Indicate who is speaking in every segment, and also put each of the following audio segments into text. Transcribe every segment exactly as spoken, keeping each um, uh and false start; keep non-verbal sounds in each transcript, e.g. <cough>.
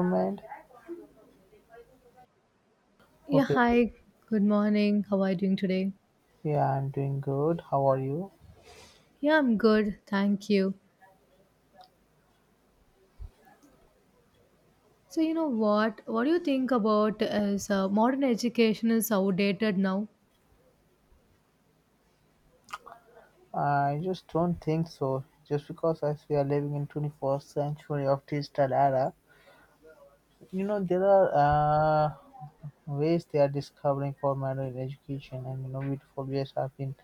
Speaker 1: Government?
Speaker 2: Yeah,
Speaker 1: Okay,
Speaker 2: hi. Good morning. How are you doing today?
Speaker 1: yeah, I'm doing good. How are you?
Speaker 2: Yeah, I'm good. Thank you. So, you know what? What do you think about as uh, modern education is outdated now?
Speaker 1: I just don't think so. Just because as we are living in twenty-first century of digital era, you know there are uh, ways they are discovering for modern education, and you know beautiful ways have been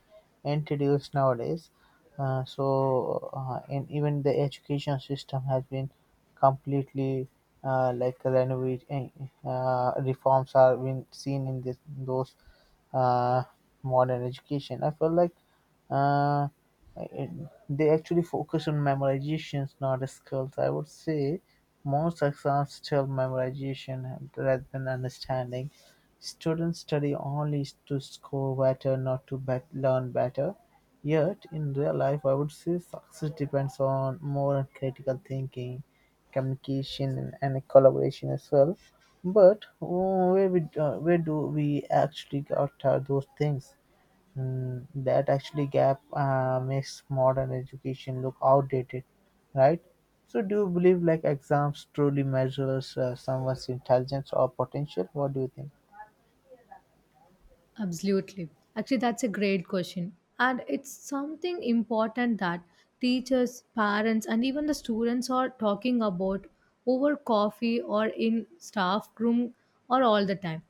Speaker 1: introduced nowadays. Uh, so uh, and even the education system has been completely uh, like renovated. Uh, reforms are been seen in this those uh, modern education. I feel like uh, it, they actually focus on memorizations, not skills. I would say most exams tell memorization rather than understanding. Students study only to score better, not to bet- learn better. Yet, in real life, I would say success depends on more on critical thinking, communication, and collaboration as well. But uh, where we, uh, where do we actually get uh, those things? Mm, that actually gap uh, makes modern education look outdated, right? So, do you believe like exams truly measures uh, someone's intelligence or potential? What do you think?
Speaker 2: Absolutely. Actually, that's a great question. And it's something important that teachers, parents, and even the students are talking about over coffee or in staff room or all the time.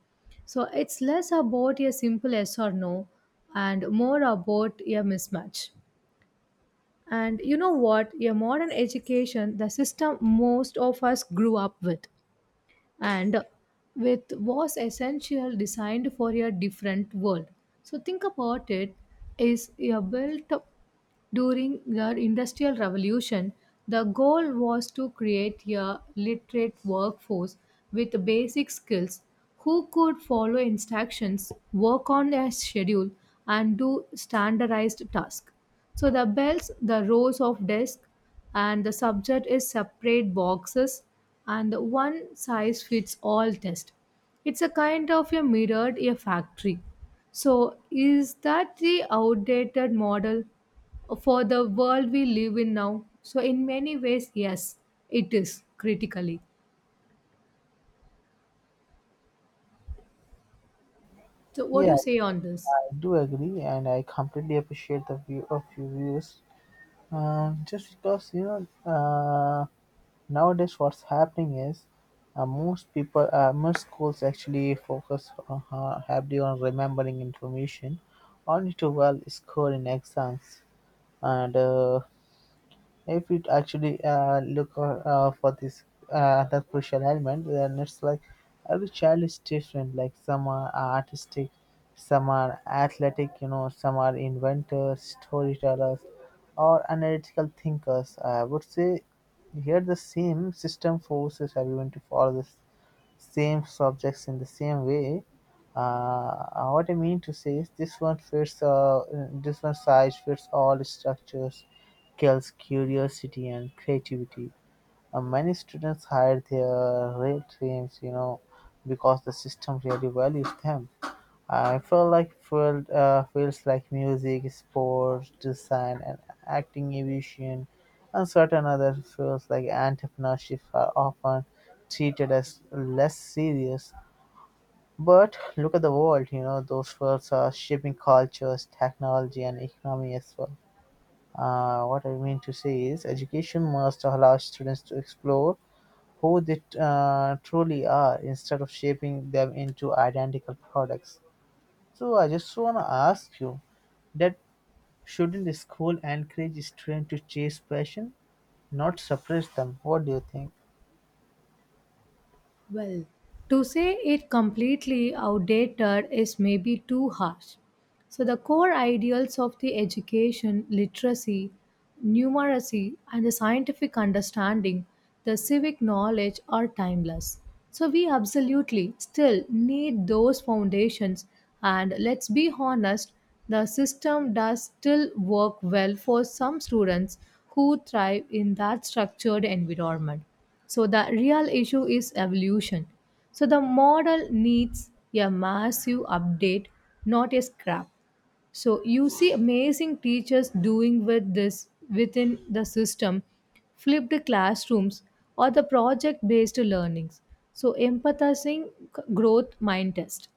Speaker 2: So, it's less about a simple yes or no and more about a mismatch. And you know what? A modern education, the system most of us grew up with, and with was essential designed for a different world. So think about it: is a built during the Industrial Revolution, the goal was to create a literate workforce with basic skills who could follow instructions, work on a schedule, and do standardized tasks. So the bells, the rows of desks, and the subject is separate boxes and the one size fits all test. It's a kind of a mirrored a factory. So is that the outdated model? For the world we live in now. So, in many ways, yes, it is critically. So, what do
Speaker 1: Yeah,
Speaker 2: you say on this?
Speaker 1: I do agree, and I completely appreciate the view of your views. Um, just because you know, uh, nowadays what's happening is uh, most people, uh, most schools actually focus uh, heavily on remembering information, only to well score in exams. And uh, if it actually uh, look uh, uh, for this uh, That crucial element, then it's like every child is different, like some are artistic, some are athletic, you know some are inventors, storytellers, or analytical thinkers. I would say here the same system forces everyone to follow this same subjects in the same way. Uh, uh, what I mean to say is this one fits uh, This one size fits all structures kills curiosity and creativity. Uh, many students hide their real dreams, you know, because the system really values them. I feel like field uh, fields like music, sports, design, and acting, aviation, and certain other fields like entrepreneurship are often treated as less serious. But look at the world, you know, those fields are shaping cultures, technology, and economy as well. Uh, what I mean to say is, education must allow students to explore who they uh, truly are instead of shaping them into identical products. So I just want to ask you that shouldn't the school encourage students to chase passion, not suppress them? What do you think?
Speaker 2: Well, to say it completely outdated is maybe too harsh. So, the core ideals of the education, literacy, numeracy, and the scientific understanding, the civic knowledge are timeless. So, we absolutely still need those foundations. And let's be honest, the system does still work well for some students who thrive in that structured environment. So, the real issue is evolution, so the model needs a massive update, not a scrap. So you see amazing teachers doing with this within the system, flipped classrooms or the project based learnings. So empathizing growth mind test.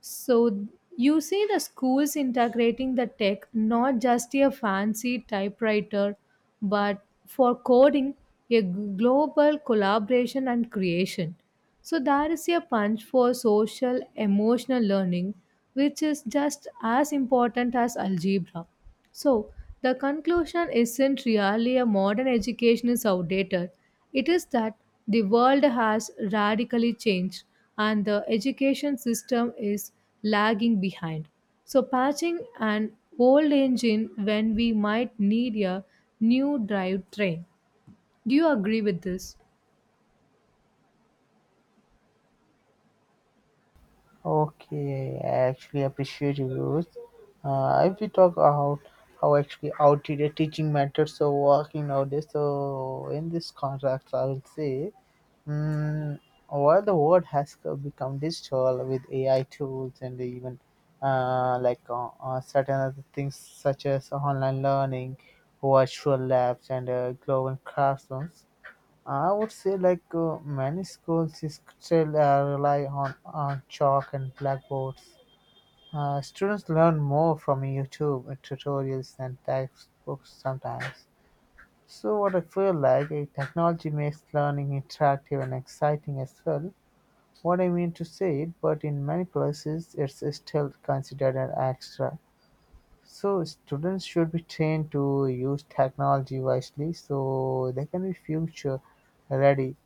Speaker 2: So you see the schools integrating the tech, not just a fancy typewriter but for coding, a global collaboration and creation. So there is a punch for social emotional learning which is just as important as algebra. So, the conclusion isn't really a modern education is outdated. It is that the world has radically changed and the education system is lagging behind. So, patching an old engine when we might need a new drive train. Do you agree with this?
Speaker 1: Okay, I actually appreciate your views. Uh, if we talk about how actually outdated teaching methods are working nowadays, so in this context, I will say Mm, well, the world has co- become digital with A I tools and even uh, like uh, uh, certain other things such as online learning, virtual labs, and uh, global classrooms. I would say like uh, many schools is still uh, rely on, on chalk and blackboards. Uh, students learn more from YouTube and tutorials than textbooks sometimes. So what I feel like eh, technology makes learning interactive and exciting as well. What I mean to say, but in many places it's still considered an extra. So students should be trained to use technology wisely so they can be future ready.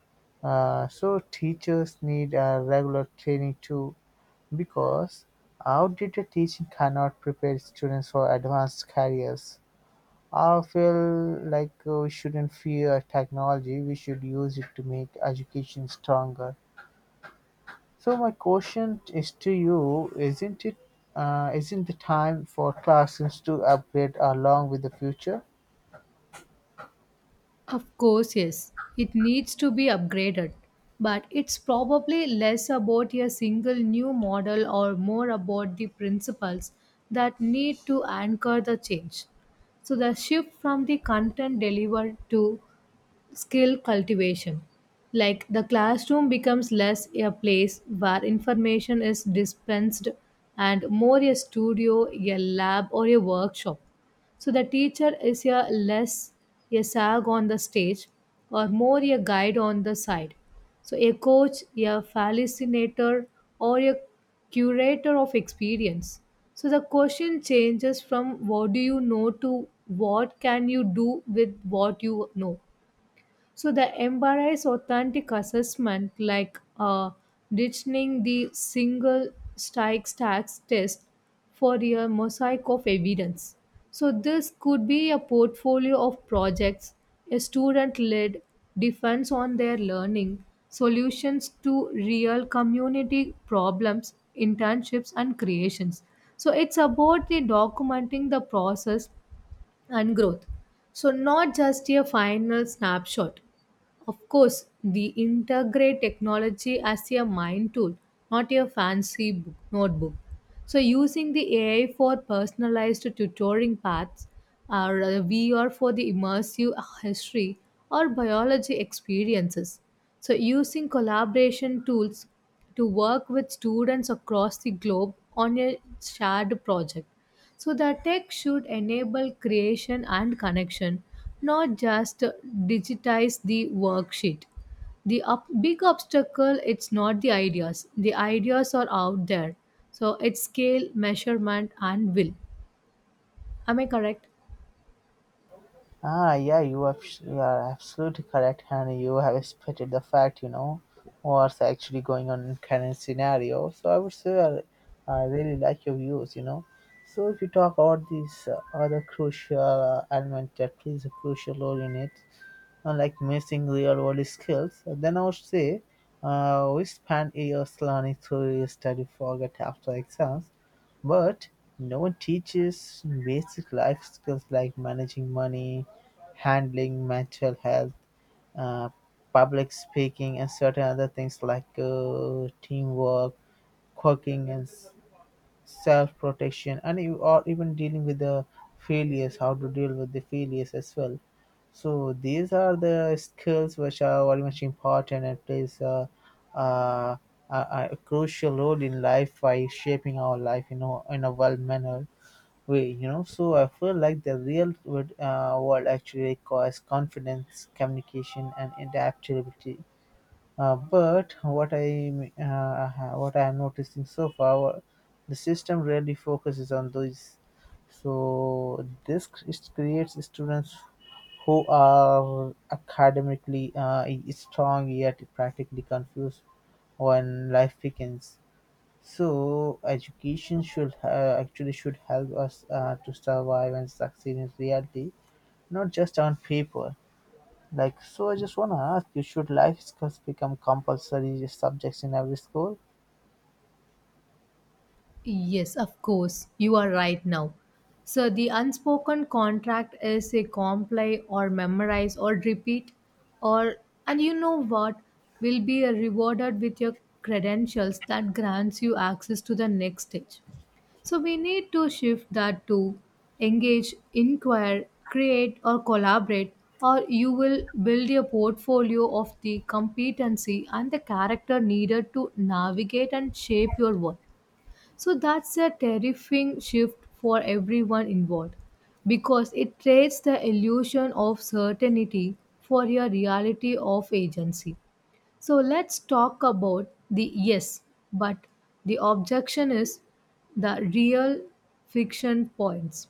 Speaker 1: Uh, so teachers need a regular training too, because outdated teaching cannot prepare students for advanced careers. I feel like uh, we shouldn't fear technology, we should use it to make education stronger. So my question is to you: Isn't it, uh, isn't the time for classrooms to upgrade along with the future?
Speaker 2: Of course, yes, it needs to be upgraded, but it's probably less about a single new model or more about the principles that need to anchor the change. So, the shift from the content delivered to skill cultivation. Like the classroom becomes less a place where information is dispensed and more a studio, a lab, or a workshop. So the teacher is a less a sag on the stage or more a guide on the side. So a coach, a facilitator, or a curator of experience. So the question changes from what do you know to what can you do with what you know. So the embrace authentic assessment, like uh, ditching the single strike tax test for a mosaic of evidence. So this could be a portfolio of projects, a student-led defense on their learning, solutions to real community problems, internships, and creations. So it's about the documenting the process and growth. So, not just a final snapshot. Of course, we integrate technology as a mind tool, not a fancy book, notebook. So, using the A I for personalized tutoring paths, or uh, V R for the immersive history or biology experiences. So, using collaboration tools to work with students across the globe on a shared project. So, the tech should enable creation and connection, not just digitize the worksheet. The up, big obstacle it's not the ideas. The ideas are out there. So, it's scale, measurement, and will. Am I correct?
Speaker 1: Ah, yeah, you are, you are absolutely correct, and you have spotted the fact, you know, what's actually going on in current scenario. So I would say I, I really like your views, you know. So if you talk about these uh, other crucial uh, element that plays a crucial role in it, unlike missing real-world skills, then I would say, uh, we spend years learning theory, study, forget after exams, but no one teaches basic life skills like managing money, handling mental health, uh, public speaking, and certain other things like uh, teamwork, cooking, and self-protection, and you are even dealing with the failures, how to deal with the failures as well. So these are the skills which are very much important and plays a, a, a, a crucial role in life by shaping our life, you know, in a well manner way, you know. So I feel like the real world, uh, world actually requires confidence, communication, and adaptability. Uh, But what I uh, ha- what I am noticing so far, the system really focuses on those. So this c- it creates students who are academically uh, strong yet practically confused when life begins. So education should uh, actually should help us uh, to survive and succeed in reality, not just on paper. Like, so I just wanna ask you, should life skills become compulsory subjects in every school?
Speaker 2: Yes, of course. You are right now. So the unspoken contract is a comply or memorize or repeat or, and you know what, will be rewarded with your credentials that grants you access to the next stage. So we need to shift that to engage, inquire, create or collaborate or you will build a portfolio of the competency and the character needed to navigate and shape your work. So that's a terrifying shift for everyone involved because it trades the illusion of certainty for a reality of agency. So let's talk about the yes, but the objection is the real friction points.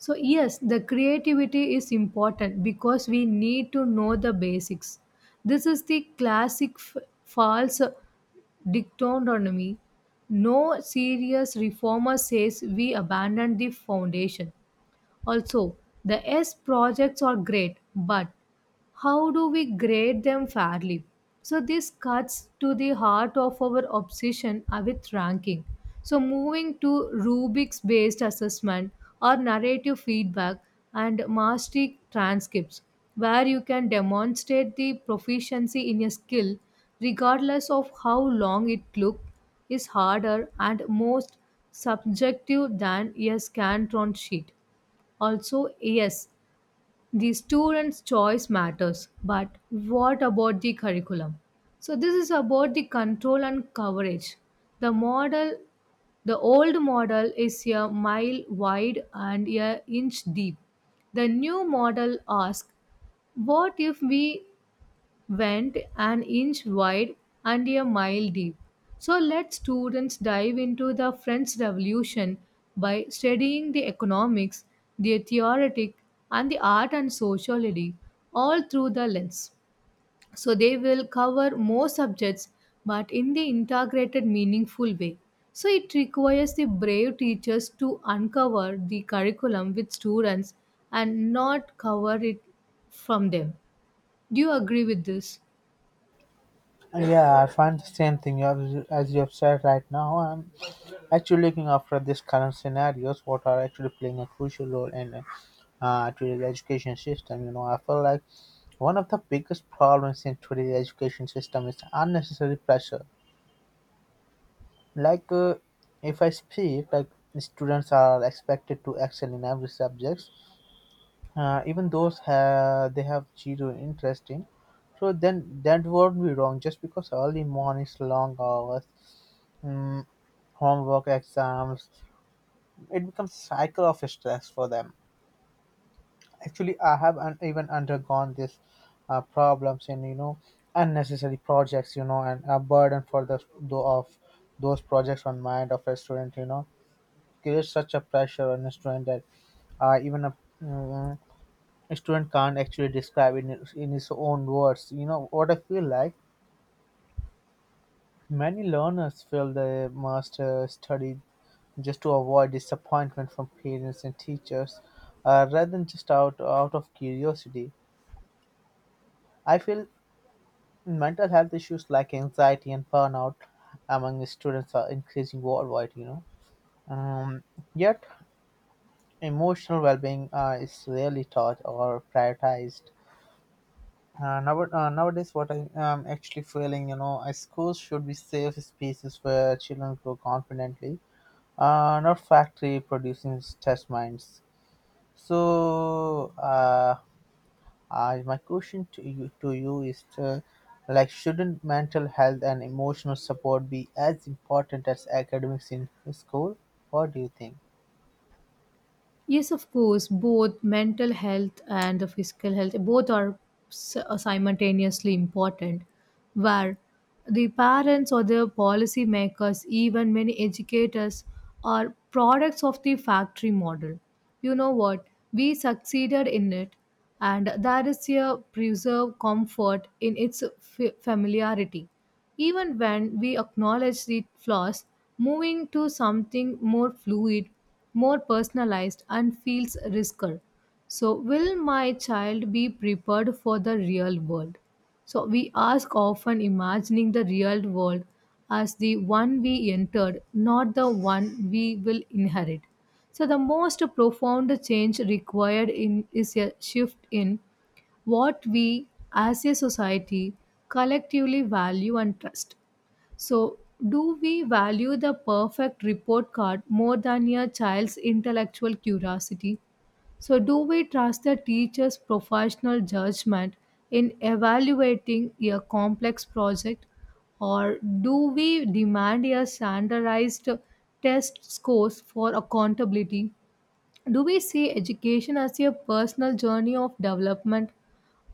Speaker 2: So, yes, the creativity is important because we need to know the basics. This is the classic f- false dictatorship, no serious reformer says we abandon the foundation. Also, the S projects are great, but how do we grade them fairly? So, this cuts to the heart of our obsession uh, with ranking. So, moving to Rubik's based assessment or narrative feedback and mastery transcripts, where you can demonstrate the proficiency in a skill regardless of how long it took, is harder and most subjective than a Scantron sheet. Also, yes, the student's choice matters, but what about the curriculum? So this is about the control and coverage. The model, the old model is a mile wide and a inch deep. The new model asks, what if we went an inch wide and a mile deep. So let students dive into the French Revolution by studying the economics, the theoretic, and the art and sociology all through the lens. So they will cover more subjects but in the integrated, meaningful way. So it requires the brave teachers to uncover the curriculum with students and not cover it from them. Do you agree with this?
Speaker 1: Yeah, I find the same thing you have, as you have said right now. I'm actually looking after these current scenarios, what are actually playing a crucial role in uh, today's education system. You know, I feel like one of the biggest problems in today's education system is unnecessary pressure. Like, uh, if I speak, like students are expected to excel in every subject, uh, even those ha- they have zero interest in. So then that won't be wrong just because early mornings, long hours, mm, homework, exams, it becomes cycle of stress for them. Actually, I have un- even undergone this uh, problems in, you know, unnecessary projects, you know, and a burden for the though of those projects on mind of a student, you know, creates such a pressure on a student that uh, even a mm, a student can't actually describe in his- in his own words. You know what I feel like? Many learners feel they must uh, study just to avoid disappointment from parents and teachers, uh, rather than just out out of curiosity. I feel mental health issues like anxiety and burnout among students are increasing worldwide. You know, um, yet emotional well-being uh, is rarely taught or prioritized. Uh, now, uh, nowadays, what I am actually feeling, you know, uh, schools should be safe spaces where children grow confidently, uh, not factory producing test minds. So, uh, I, my question to you, to you is, uh like, shouldn't mental health and emotional support be as important as academics in school? What do you think?
Speaker 2: Yes, of course, both mental health and the physical health, both are s- uh, simultaneously important. Where the parents or the policy makers, even many educators, are products of the factory model. You know what? We succeeded in it, and that is a preserve comfort in its f- familiarity. Even when we acknowledge the flaws, moving to something more fluid, more personalized, and feels riskier. So, will my child be prepared for the real world? So, we ask often imagining the real world as the one we entered, not the one we will inherit. So, the most profound change required in, is a shift in what we as a society collectively value and trust. So, do we value the perfect report card more than a child's intellectual curiosity? So, do we trust the teacher's professional judgment in evaluating a complex project, or do we demand a standardized test scores for accountability? Do we see education as a personal journey of development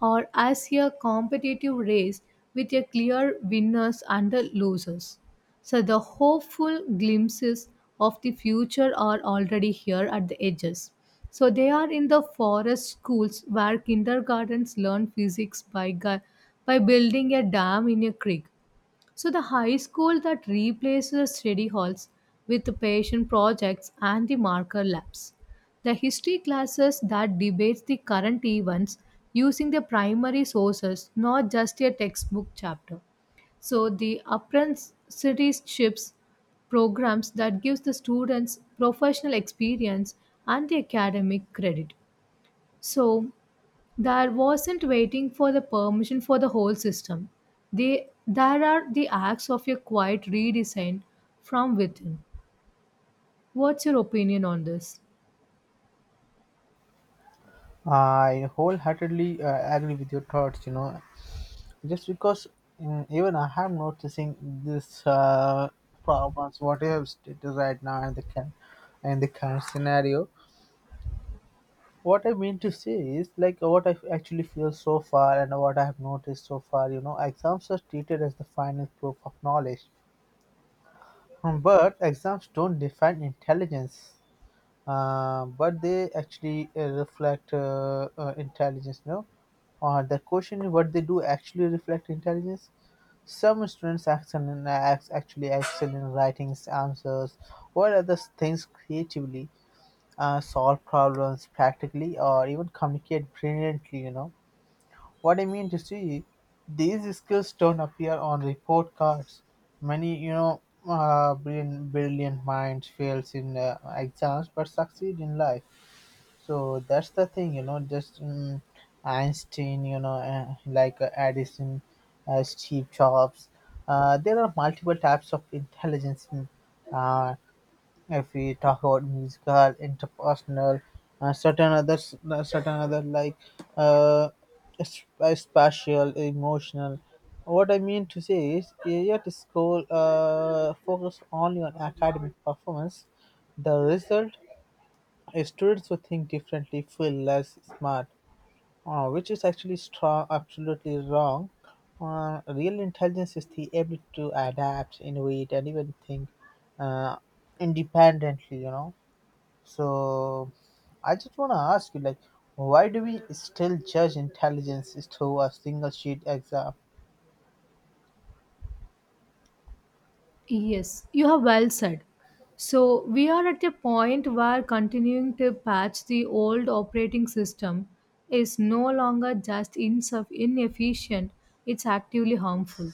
Speaker 2: or as a competitive race with a clear winners and the losers. So the hopeful glimpses of the future are already here at the edges. So they are in the forest schools where kindergartens learn physics by gu- by building a dam in a creek, so the high school that replaced the study halls with the patient projects and the marker labs. The history classes that debates the current events using the primary sources, not just a textbook chapter. So the apprenticeships programs that gives the students professional experience and the academic credit. So there wasn't waiting for the permission for the whole system. They, there are the acts of a quiet redesign from within. What's your opinion on this?
Speaker 1: I wholeheartedly uh, agree with your thoughts. You know, just because mm, even I am noticing this uh, problems what you have stated right now and the can and the current scenario. What I mean to say is like what I actually feel so far and what I have noticed so far. You know, exams are treated as the final proof of knowledge, but exams don't define intelligence. Uh, but they actually uh, reflect uh, uh, intelligence no uh, The question is, what they do actually reflect intelligence? Some students excel in acts actually excel in writing answers or other things creatively, uh, solve problems practically, or even communicate brilliantly. You know what I mean to see, these skills don't appear on report cards. Many, you know, uh, brilliant, brilliant minds fails in uh, exams but succeed in life. So that's the thing, you know, just um, Einstein, you know, uh, like uh, Edison, uh, Steve Jobs. Uh, there are multiple types of intelligence. in, Uh, if we talk about musical, interpersonal, uh, certain others, uh, certain other like uh, sp- uh, spatial, emotional. What I mean to say is, yet school uh, focus only on academic performance. The result, uh, students who think differently feel less smart, uh, which is actually stra- absolutely wrong. Uh, real intelligence is the ability to adapt, innovate, and even think uh, independently. You know, so I just want to ask you, like, why do we still judge intelligence through a single sheet exam?
Speaker 2: Yes, you have well said. So, we are at a point where continuing to patch the old operating system is no longer just insuf- inefficient, it's actively harmful.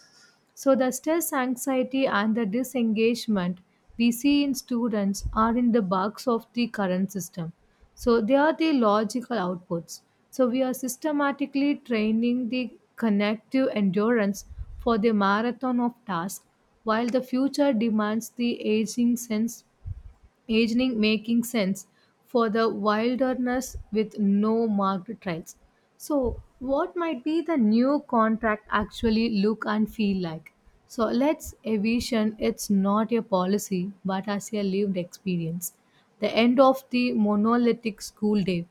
Speaker 2: So, the stress, anxiety, and the disengagement we see in students are in the bugs of the current system. So, they are the logical outputs. So, we are systematically training the connective endurance for the marathon of tasks, while the future demands the aging sense aging making sense for the wilderness with no marked trails. So, what might be the new contract actually look and feel like? So, let's envision it's not a policy but as a lived experience. The end of the monolithic school day.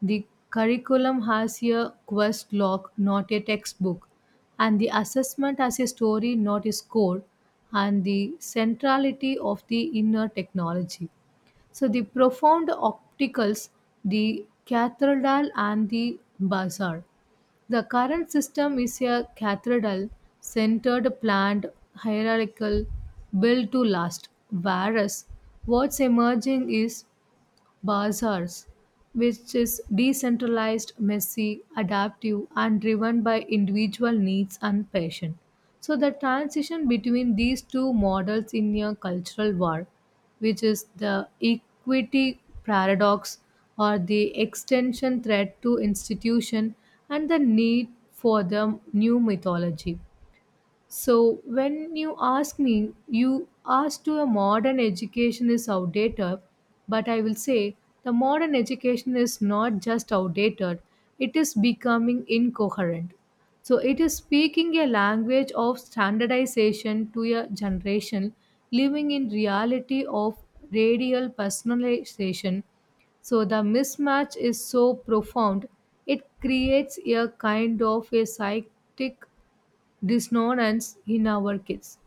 Speaker 2: The curriculum has a quest log, not a textbook, and the assessment as a story, not a score, and the centrality of the inner technology. So the profound opticals, the cathedral and the bazaar. The current system is a cathedral centered planned hierarchical built to last, whereas what's emerging is bazaars, which is decentralized, messy, adaptive, and driven by individual needs and passion. So, the transition between these two models in a cultural war, which is the equity paradox or the extension threat to institution and the need for the new mythology, so when you ask me, you ask to a modern education is outdated, but I will say the modern education is not just outdated, it is becoming incoherent. So it is speaking a language of standardization to a generation living in reality of radial personalization. So the mismatch is so profound, it creates a kind of a psychic dissonance in our kids.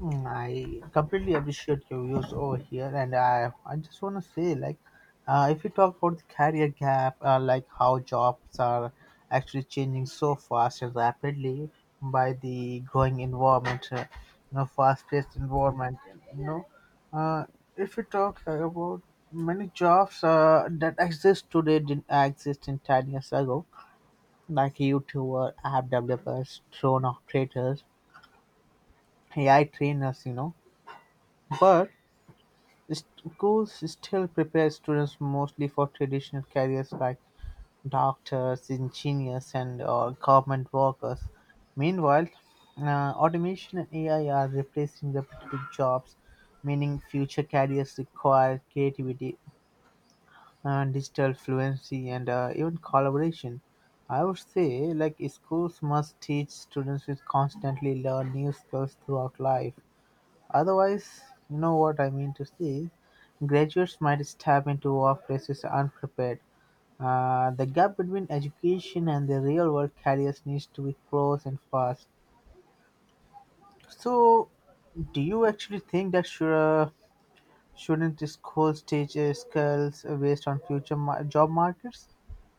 Speaker 1: Mm, I completely appreciate your views over here, and I I just want to say like, uh, if you talk about the career gap, uh, like how jobs are actually changing so fast and rapidly by the growing environment, uh, you know, fast-paced environment, you know, uh, if you talk uh, about many jobs uh, that exist today didn't exist in ten years ago, like YouTuber, app developers, drone operators, A I trainers, you know, but schools still prepare students mostly for traditional careers like doctors, engineers, and/or government workers. Meanwhile, uh, automation and A I are replacing repetitive jobs, meaning future careers require creativity, uh, digital fluency, and uh, even collaboration. I would say, like schools must teach students to constantly learn new skills throughout life. Otherwise, you know what I mean to say, graduates might step into workplaces unprepared. Uh, the gap between education and the real world careers needs to be closed, and fast. So, do you actually think that should, uh, shouldn't the schools teach uh, skills based on future ma- job markets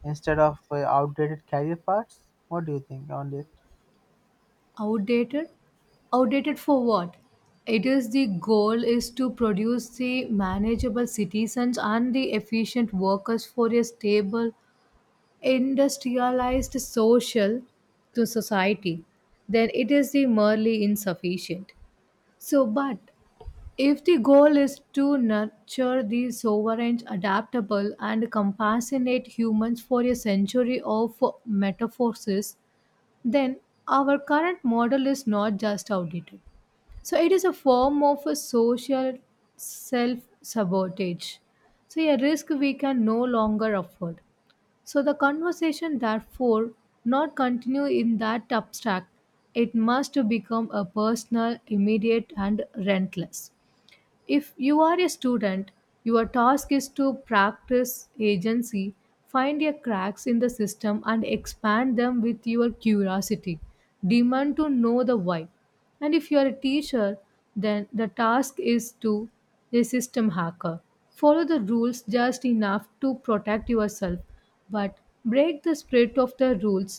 Speaker 1: instead of uh, outdated career paths? What do you think on this?
Speaker 2: Outdated? Outdated for what? It is the goal is to produce the manageable citizens and the efficient workers for a stable, industrialized social to society. Then it is the merely insufficient. So, but if the goal is to nurture the sovereign, adaptable, and compassionate humans for a century of metaphors, then our current model is not just outdated. So it is a form of a social self sabotage. So a risk we can no longer afford. So the conversation therefore not continue in that abstract. It must become a personal, immediate and rentless. If you are a student, your task is to practice agency, find your cracks in the system and expand them with your curiosity. Demand to know the why. And if you are a teacher, then the task is to a system hacker. Follow the rules just enough to protect yourself, but break the spirit of the rules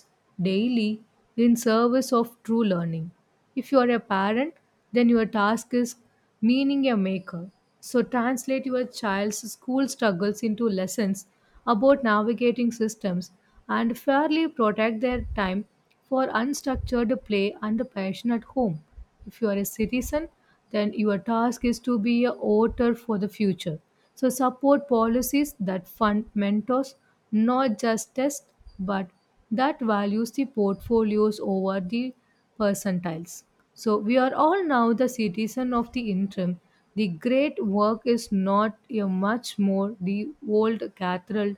Speaker 2: daily in service of true learning. If you are a parent, then your task is meaning a maker. So translate your child's school struggles into lessons about navigating systems and fairly protect their time for unstructured play and passion at home. If you are a citizen, then your task is to be a author for the future. So support policies that fund mentors, not just tests, but that values the portfolios over the percentiles. So we are all now the citizen of the interim. The great work is not a much more the old cathedral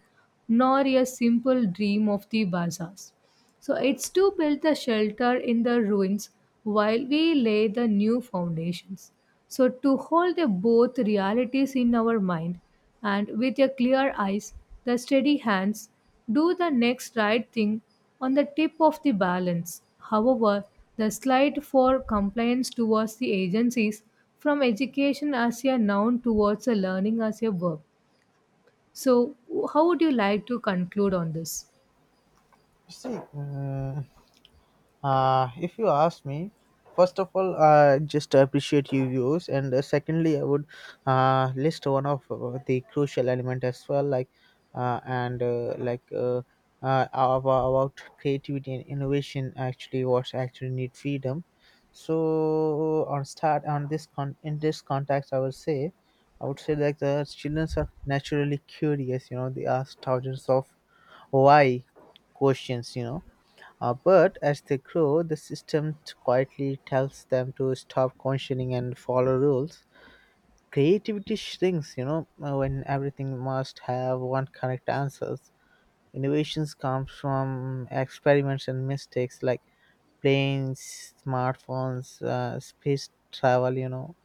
Speaker 2: nor a simple dream of the bazaars. So it's to build the shelter in the ruins while we lay the new foundations. So to hold the both realities in our mind and with a clear eyes, the steady hands, do the next right thing on the tip of the balance. However, the slide for compliance towards the agencies from education as a noun towards a learning as a verb. So how would you like to conclude on this?
Speaker 1: See, uh, Uh, if you ask me, first of all, I just appreciate your views, and uh, secondly, I would uh, list one of uh, the crucial element as well, like uh, and uh, like uh, uh, about, about creativity and innovation. Actually, what's actually need freedom. So on start on this con in this context, I would say, I would say like the children are naturally curious. You know, they ask thousands of why questions. You know, uh, but as they grow, the system t- quietly tells them to stop questioning and follow rules. Creativity shrinks, you know, uh, when everything must have one correct answers. Innovations come from experiments and mistakes, like planes, smartphones, uh, space travel, you know.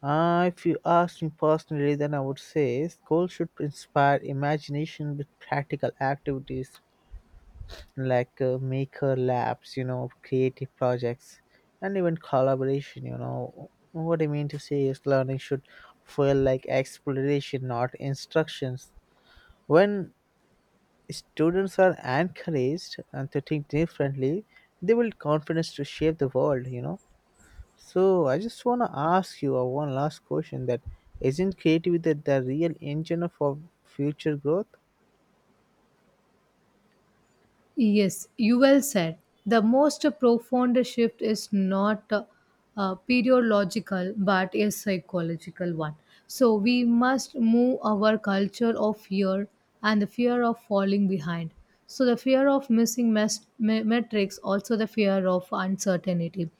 Speaker 1: Uh, if you ask me personally, then I would say school should inspire imagination with practical activities, like uh, maker labs, you know, creative projects, and even collaboration. You know what I mean to say is learning should feel like exploration, not instructions. When students are encouraged and to think differently, they will confidence to shape the world, you know. So I just want to ask you uh, one last question, that isn't creativity the, the real engine of our future growth?
Speaker 2: Yes, you well said. The most profound shift is not uh, uh, periological but a psychological one. So we must move our culture of fear and the fear of falling behind. So the fear of missing mes- me- metrics, also the fear of uncertainty.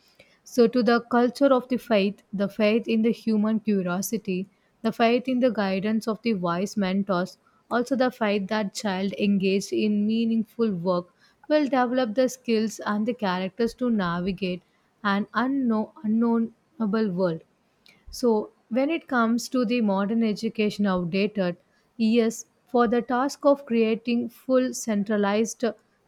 Speaker 2: So, to the culture of the faith, the faith in the human curiosity, the faith in the guidance of the wise mentors, also the faith that child engaged in meaningful work will develop the skills and the characters to navigate an unknown unknownable world. So when it comes to the modern education outdated, yes, for the task of creating full centralized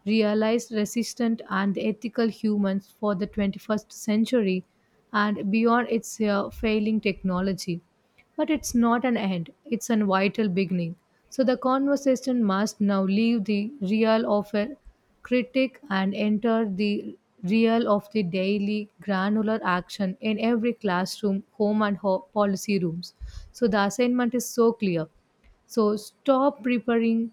Speaker 2: realized resistant and ethical humans for the twenty-first century and beyond its uh, failing technology, but it's not an end, it's a vital beginning. So the conversation must now leave the real of a critic and enter the real of the daily granular action in every classroom, home, and ho- policy rooms. So the assignment is so clear. So stop preparing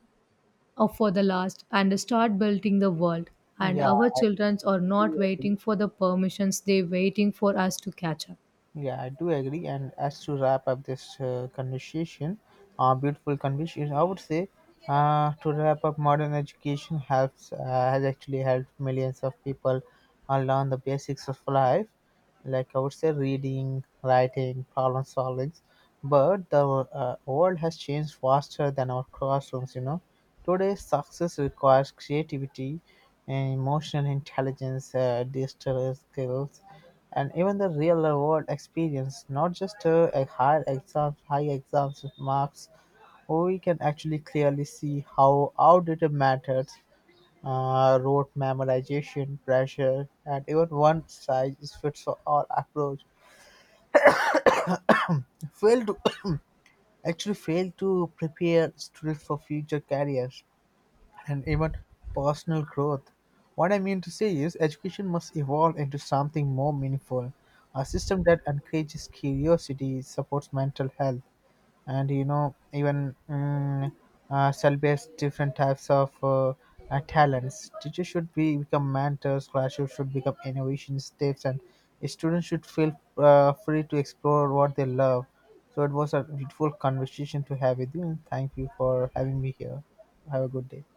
Speaker 2: uh, for the last and start building the world. And
Speaker 1: yeah
Speaker 2: our children are not waiting for the permissions, they're waiting for us to catch up.
Speaker 1: Yeah, I do agree. And as to wrap up this uh, conversation, uh, beautiful conversation, I would say, uh, to wrap up, modern education helps uh, has actually helped millions of people uh, learn the basics of life, like I would say reading, writing, problem solving. But the uh, world has changed faster than our classrooms. You know, today's success requires creativity, and emotional intelligence, uh, digital skills, and even the real-world experience, not just uh, a high exams, high exams marks. We can actually clearly see how outdated methods, uh, rote memorization, pressure, and even one size fits all approach fail to <coughs> actually fail to prepare students for future careers, and even personal growth. What I mean to say is, education must evolve into something more meaningful, a system that encourages curiosity, supports mental health, and you know, even mm, uh, celebrates different types of uh, uh, talents. Teachers should be become mentors, classrooms should become innovation steps, and students should feel uh, free to explore what they love. So it was a beautiful conversation to have with you, and thank you for having me here. Have a good day.